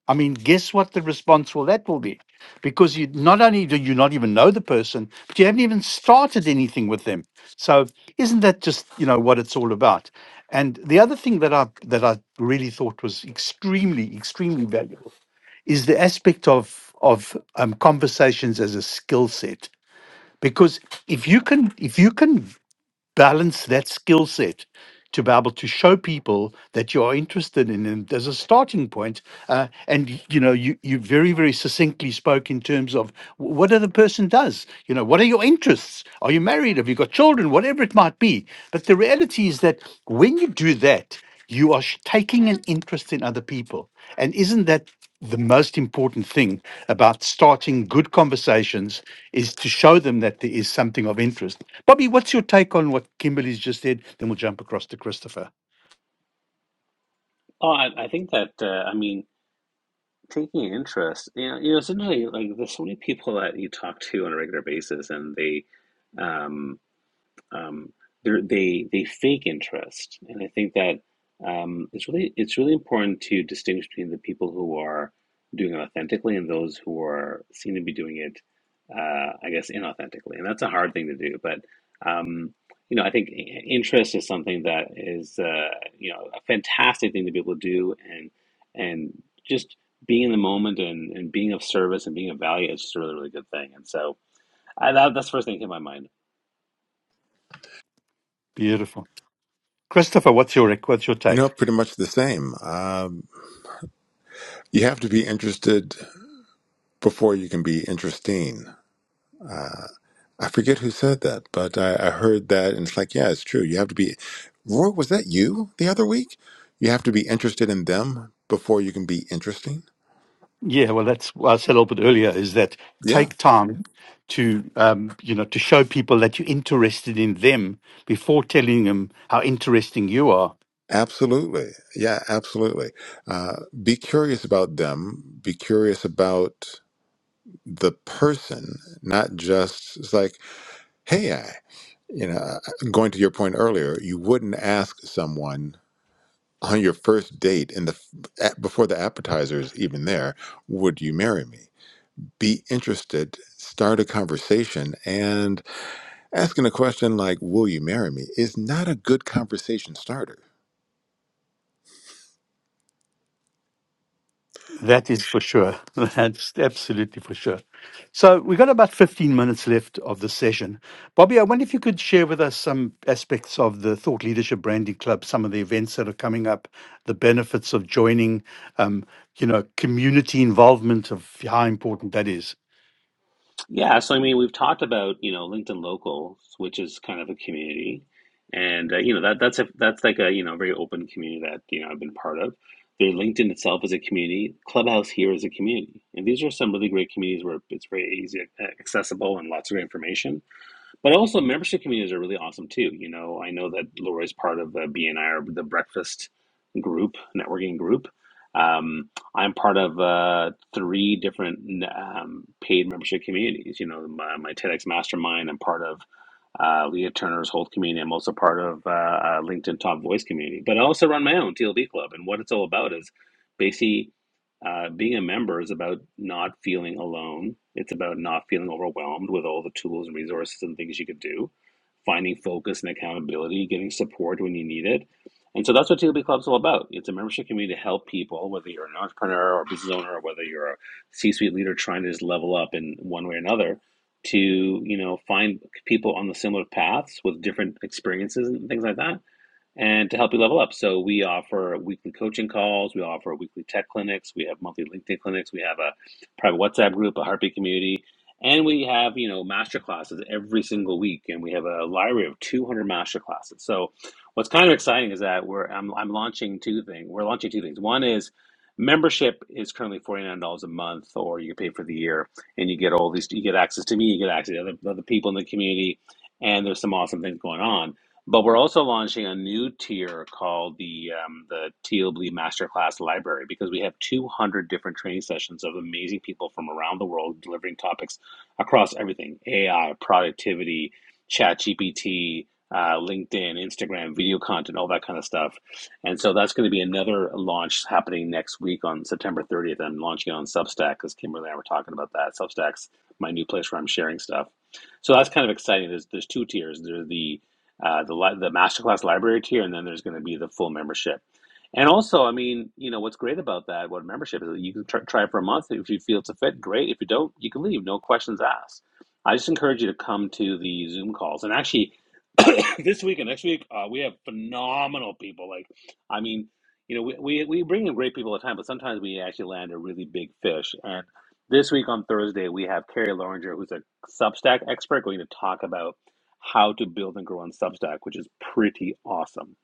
A: I mean, guess what the response will that will be? Because you not only do you not even know the person, but you haven't even started anything with them. So isn't that just, you know, what it's all about? And the other thing that I that I really thought was extremely, extremely valuable is the aspect of of um, conversations as a skill set. Because if you can if you can balance that skill set to be able to show people that you are interested in them as a starting point. Uh, and y- you know, you you very very succinctly spoke in terms of wh- what other person does. You know, what are your interests? Are you married? Have you got children? Whatever it might be. But the reality is that when you do that, you are sh- taking an interest in other people. And isn't that the most important thing about starting good conversations is to show them that there is something of interest. Bobby, what's your take on what Kimberly's just said? Then we'll jump across to Christopher.
C: Oh, I, I think that uh, I mean. taking interest you know, you know it's interesting like there's so many people that you talk to on a regular basis and they um um, they they they fake interest, and I think that um, it's really it's really important to distinguish between the people who are doing it authentically and those who are seen to be doing it, uh, I guess, inauthentically, and that's a hard thing to do. But um, you know, I think i- interest is something that is uh, you know a fantastic thing to be able to do, and and just being in the moment and, and being of service and being of value is just a really really good thing. And so I, that, that's the first thing that came to my mind.
A: Beautiful. Christopher, what's your what's your
B: You know,
A: take?
B: pretty much the same. Um, you have to be interested before you can be interesting. I forget who said that, but I, I heard that, and it's like, yeah, it's true. You have to be. Roy, was that you the other week? You have to be interested in them before you can be interesting.
A: Yeah, well, that's what I said a little bit earlier. Is that
B: Yeah,
A: take time to um, you know to show people that you're interested in them before telling them how interesting you are
B: absolutely. Yeah, absolutely. Uh, be curious about them. Be curious about the person, not just it's like, hey, I. You know, uh, going to your point earlier, you wouldn't ask someone on your first date in the at- before the appetizer is even there would you marry me be interested start a conversation and asking a question like will you marry me is not a good conversation starter
A: That is for sure. That's absolutely for sure. So we've got about 15 minutes left of the session. Bobby, I wonder if you could share with us some aspects of the Thought Leadership Branding Club, some of the events that are coming up, the benefits of joining, um, you know, community involvement of how important that is.
C: Yeah, so I mean, we've talked about, you know, LinkedIn Locals, which is kind of a community. And uh, you know, that that's a that's like a, you know, very open community that, you know, I've been part of. The LinkedIn itself is a community. Clubhouse here is a community. And these are some really great communities where it's very easy, accessible, and lots of great information. But also, membership communities are really awesome too. You know, I know that Leroy's part of the BNI the Breakfast group, networking group. Um, I'm part of uh, three different um, paid membership communities. You know, my, my TEDx Mastermind, I'm part of uh, Leah Turner's whole community. I'm also part of uh, uh, LinkedIn Top Voice community, but I also run my own TLD club. And what it's all about is basically uh, being a member is about not feeling alone. It's about not feeling overwhelmed with all the tools and resources and things you could do, finding focus and accountability, getting support when you need it. And so that's what TLB Club's all about. It's a membership community to help people, whether you're an entrepreneur or a business owner, or whether you're a C-suite leader trying to just level up in one way or another, to you know find people on the similar paths with different experiences and things like that and to help you level up. So we offer weekly coaching calls, we offer weekly tech clinics, we have monthly LinkedIn clinics, we have a private WhatsApp group, a heartbeat community, and we have, you know, master classes every single week and we have a library of 200 master classes. So what's kind of exciting is that we're I'm, I'm launching two things. We're launching two things. One is membership is currently $49 a month or you pay for the year and you get all these you get access to me, you get access to other, other people in the community and there's some awesome things going on but we're also launching a new tier called the um, the Teal Blue Masterclass Library because we have 200 different training sessions of amazing people from around the world delivering topics across everything: AI, productivity, Chat GPT, uh, LinkedIn, Instagram, video content, all that kind of stuff. And so that's going to be another launch happening next week on September 30th. I'm launching it on Substack because Kimberly and I were talking about that. Substack's my new place where I'm sharing stuff. So that's kind of exciting. There's there's two tiers. There's the uh, the the masterclass library tier, and then there's going to be the full membership. And also, I mean, you know, what's great about that, what membership is, you can tr- try it for a month. If you feel it's a fit, great. If you don't, you can leave. No questions asked. I just encourage you to come to the Zoom calls. And actually, this week and next week, uh, we have phenomenal people. Like, I mean, you know, we, we, we bring in great people all the time, but sometimes we actually land a really big fish. And this week on Thursday, we have Carrie Loringer, who's a Substack expert, going to talk about how to build and grow on Substack, which is pretty awesome.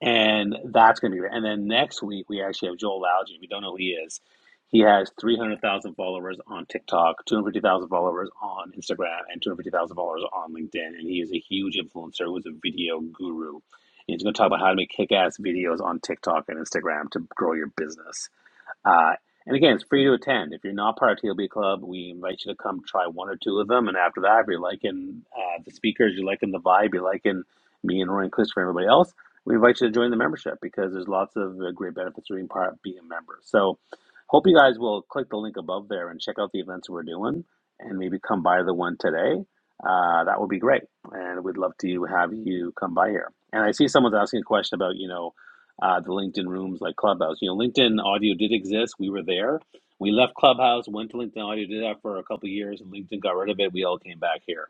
C: And that's going to be great. And then next week, we actually have Joel Algy. If you don't know who he is, he has 300,000 followers on TikTok, 250,000 followers on Instagram, and 250,000 followers on LinkedIn. And he is a huge influencer, who's a video guru. And he's going to talk about how to make kick ass videos on TikTok and Instagram to grow your business. Uh, and again, it's free to attend. If you're not part of TLB Club, we invite you to come try one or two of them. And after that, if you're liking uh, the speakers, you're liking the vibe, you're liking me and Roy and Christopher and everybody else, we invite you to join the membership because there's lots of uh, great benefits to being part of being a member. So hope you guys will click the link above there and check out the events we're doing and maybe come by the one today. Uh, that would be great. And we'd love to have you come by here. And I see someone's asking a question about, you know, uh, the LinkedIn rooms like Clubhouse. You know, LinkedIn Audio did exist. We were there. We left Clubhouse, went to LinkedIn Audio, did that for a couple of years, and LinkedIn got rid of it. We all came back here.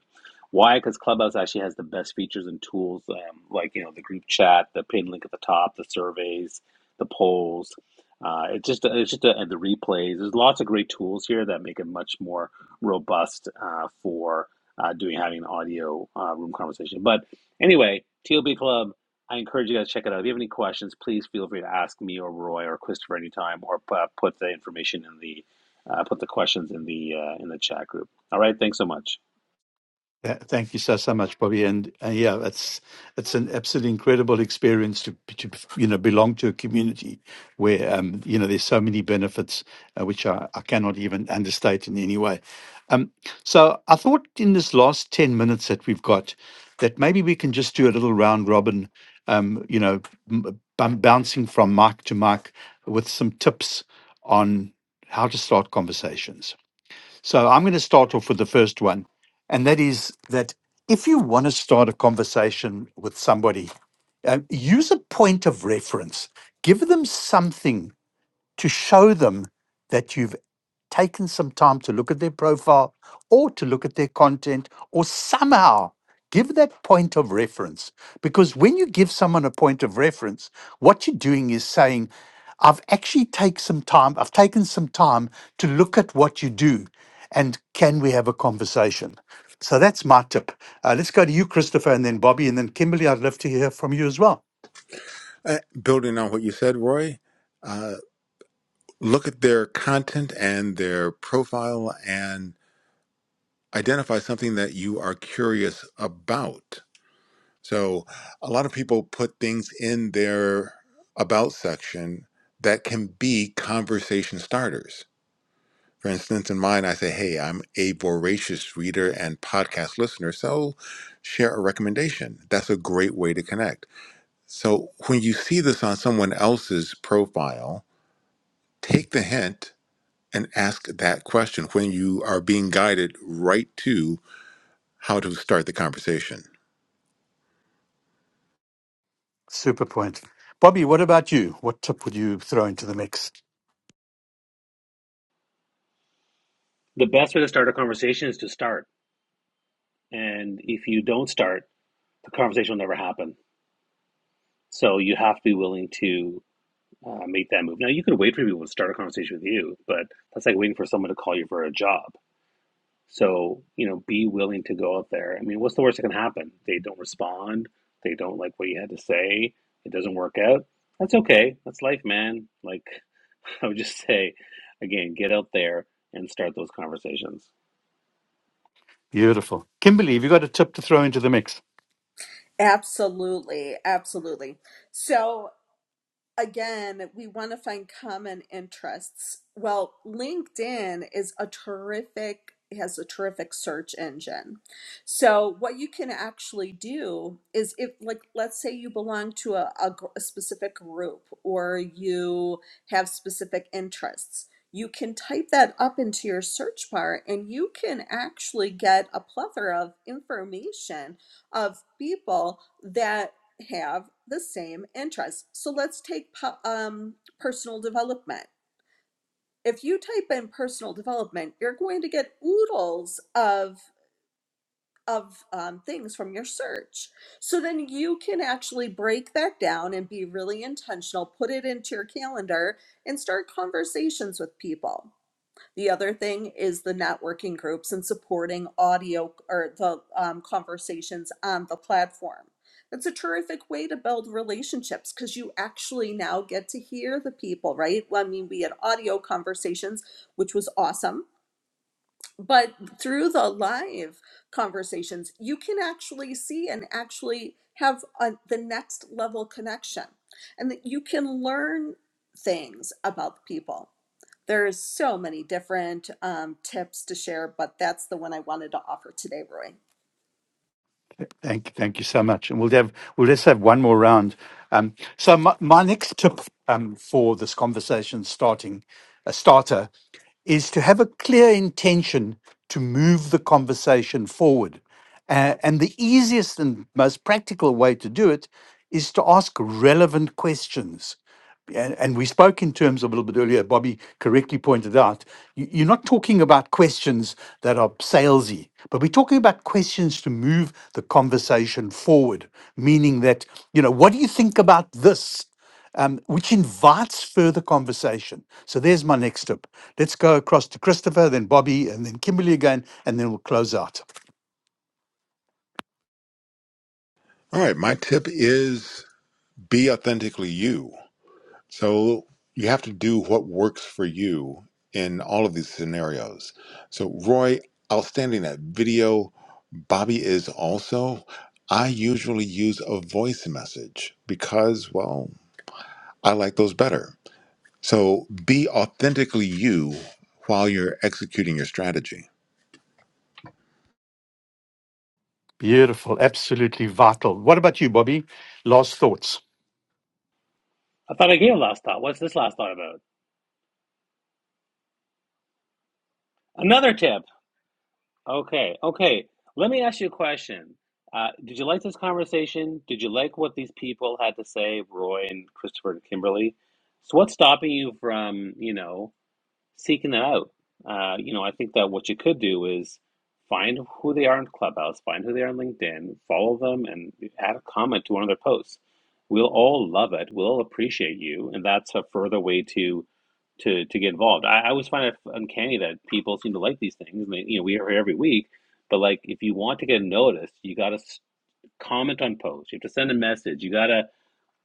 C: Why? Because Clubhouse actually has the best features and tools, um, like you know the group chat, the pin link at the top, the surveys, the polls. Uh, it's just it's just a, and the replays. There's lots of great tools here that make it much more robust uh, for uh, doing having an audio uh, room conversation. But anyway, TLB Club I encourage you guys to check it out. If you have any questions, please feel free to ask me or Roy or Christopher anytime, or uh, put the information in the uh, put the questions in the uh, in the chat group. All right, thanks so much.
A: Th- Thank you so so much, Bobby. And uh, yeah, it's it's an absolutely incredible experience to to you know belong to a community where um you know there's so many benefits uh, which I, I cannot even understate in any way. Um, so I thought in this last ten minutes that we've got that maybe we can just do a little round robin, um, you know, m- bum- bouncing from mic to mic with some tips on how to start conversations. So I'm going to start off with the first one, and that is that if you want to start a conversation with somebody, uh, use a point of reference. Give them something to show them that you've taken some time to look at their profile or to look at their content or somehow give that point of reference. Because when you give someone a point of reference, what you're doing is saying, I've actually take some time, I've taken some time to look at what you do and can we have a conversation? So that's my tip. Uh, let's go to you, Christopher, and then Bobby, and then Kimberly. I'd love to hear from you as well.
B: Uh, building on what you said roy uh, look at their content and their profile and identify something that you are curious about So a lot of people put things in their about section that can be conversation starters. For instance, in mine, I say, Hey, I'm a voracious reader and podcast listener, so share a recommendation. That's a great way to connect. So when you see this on someone else's profile, take the hint and ask that question when you are being guided right to how to start the conversation.
A: Super point. Bobby, what about you? What tip would you throw into the mix?
C: The best way to start a conversation is to start, and if you don't start, the conversation will never happen. So you have to be willing to uh, make that move. Now you could wait for people to start a conversation with you, but that's like waiting for someone to call you for a job. So, you know, be willing to go out there. I mean, what's the worst that can happen? They don't respond. They don't like what you had to say. It doesn't work out. That's okay. That's life, man. Like, I would just say, again, get out there and start those conversations.
A: Beautiful. Kimberly, have you got a tip to throw into the mix?
E: Absolutely, absolutely. So again, we want to find common interests. Well, LinkedIn is a terrific has a terrific search engine. So what you can actually do is if like let's say you belong to a, a, gr- a specific group or you have specific interests, you can type that up into your search bar and you can actually get a plethora of information of people that have the same interests. So let's take um, personal development. If you type in personal development, you're going to get oodles of of um, things from your search. So then you can actually break that down and be really intentional, put it into your calendar, and start conversations with people. The other thing is the networking groups and supporting audio or the um, conversations on the platform. That's a terrific way to build relationships because you actually now get to hear the people, right? Well, I mean, we had audio conversations, which was awesome, but through the live conversations, you can actually see and actually have a, the next level connection, and that you can learn things about the people. There's so many different um, tips to share, but that's the one I wanted to offer today, Roy.
A: Thank, thank you so much. And we'll have we'll just have one more round. Um, so my, my next tip um, for this conversation starting a starter is to have a clear intention to move the conversation forward. Uh, and the easiest and most practical way to do it is to ask relevant questions. And, and we spoke in terms of a little bit earlier, Bobby correctly pointed out, you, you're not talking about questions that are salesy, but we're talking about questions to move the conversation forward, meaning that, you know, what do you think about this? um, which invites further conversation. So there's my next tip. Let's go across to Christopher, then Bobby, and then Kimberly again, and then we'll close out.
B: All right, my tip is be authentically you. So you have to do what works for you in all of these scenarios. So Roy, outstanding that video. Bobby is also. I usually use a voice message because, well, I like those better. So be authentically you while you're executing your strategy.
A: Beautiful, absolutely vital. What about you, Bobby? Last thoughts.
C: I thought I gave a last thought. What's this last thought about? Another tip. Okay. Okay. Let me ask you a question. Uh, did you like this conversation? Did you like what these people had to say, Roy and Christopher and Kimberly? So, what's stopping you from, you know, seeking that out. Uh, you know, I think that what you could do is find who they are on Clubhouse, find who they are on LinkedIn, follow them, and add a comment to one of their posts. We'll all love it. We'll all appreciate you, and that's a further way to to to get involved. I, I always find it uncanny that people seem to like these things. and they, you know, we are here every week, but like if you want to get noticed, you got to comment on posts. You have to send a message. You got to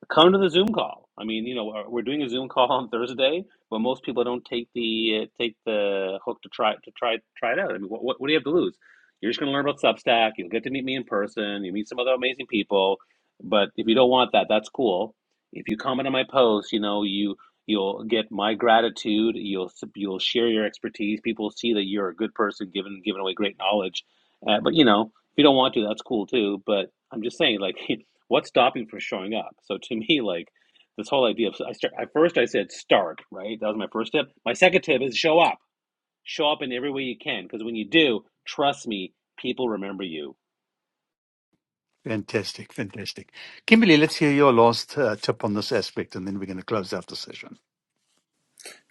C: come to the Zoom call. I mean, you know, we're we're doing a Zoom call on Thursday, but most people don't take the uh, take the hook to try to try try it out. I mean, what, what what do you have to lose? You're just going to learn about Substack. You'll get to meet me in person. You meet some other amazing people. But if you don't want that, that's cool. If you comment on my post, you know you you'll get my gratitude. You'll you'll share your expertise. People see that you're a good person, giving giving away great knowledge. Uh, but you know, if you don't want to, that's cool too. But I'm just saying, like. what's stopping you from showing up so to me like this whole idea of i start at first i said start right that was my first tip my second tip is show up show up in every way you can because when you do trust me people remember you
A: Fantastic, fantastic. Kimberly, let's hear your last uh, tip on this aspect, and then we're going to close out the session.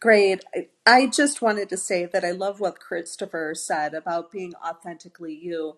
E: Great. I, I just wanted to say that I love what Christopher said about being authentically you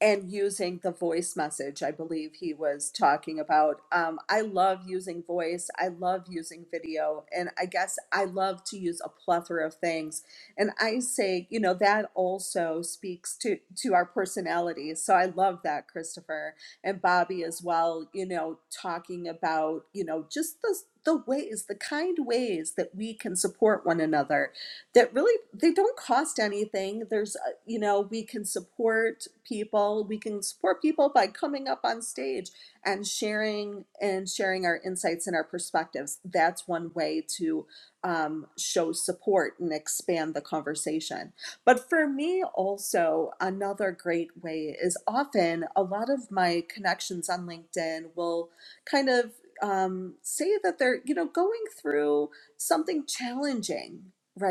E: and using the voice message i believe he was talking about um, i love using voice i love using video and i guess i love to use a plethora of things and i say you know that also speaks to to our personalities so i love that christopher and bobby as well you know talking about you know just the the ways the kind ways that we can support one another that really they don't cost anything there's you know, we can support people. We can support people by coming up on stage and sharing and sharing our insights and our perspectives. That's one way to um, show support and expand the conversation. But for me, also, another great way is often a lot of my connections on LinkedIn will kind of um, say that they're, you know, going through something challenging,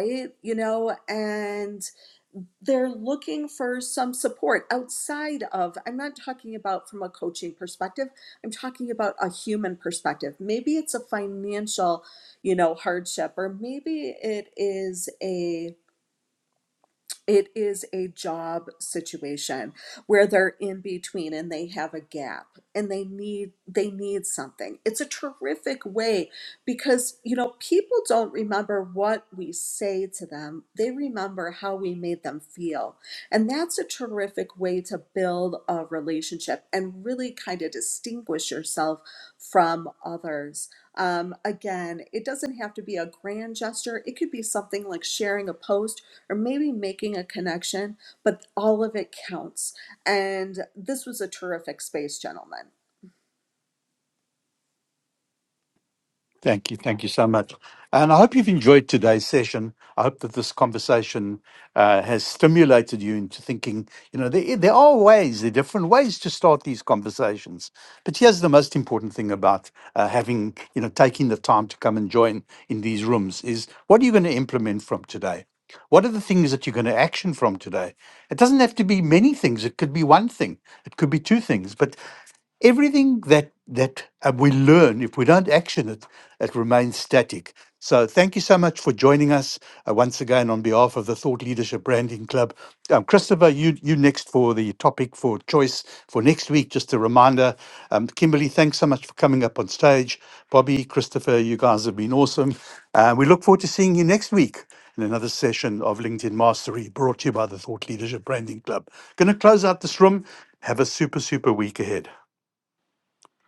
E: right? You know, and they're looking for some support outside of i'm not talking about from a coaching perspective i'm talking about a human perspective maybe it's a financial you know hardship or maybe it is a it is a job situation where they're in between and they have a gap and they need they need something it's a terrific way because you know people don't remember what we say to them they remember how we made them feel and that's a terrific way to build a relationship and really kind of distinguish yourself from others um, again it doesn't have to be a grand gesture it could be something like sharing a post or maybe making a connection, but all of it counts. And this was a terrific space, gentlemen.
A: Thank you. Thank you so much. And I hope you've enjoyed today's session. I hope that this conversation uh, has stimulated you into thinking, you know, there, there are ways, there are different ways to start these conversations. But here's the most important thing about uh, having, you know, taking the time to come and join in these rooms is what are you going to implement from today? What are the things that you're going to action from today? It doesn't have to be many things. It could be one thing. It could be two things. But everything that that uh, we learn if we don't action it it remains static so thank you so much for joining us uh, once again on behalf of the thought leadership branding club um, christopher you you next for the topic for choice for next week just a reminder um, kimberly thanks so much for coming up on stage bobby christopher you guys have been awesome uh, we look forward to seeing you next week in another session of LinkedIn Mastery brought to you by the Thought Leadership Branding Club. Going to close out this room. Have a super, super week ahead.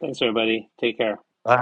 C: thanks everybody take care
A: Bye.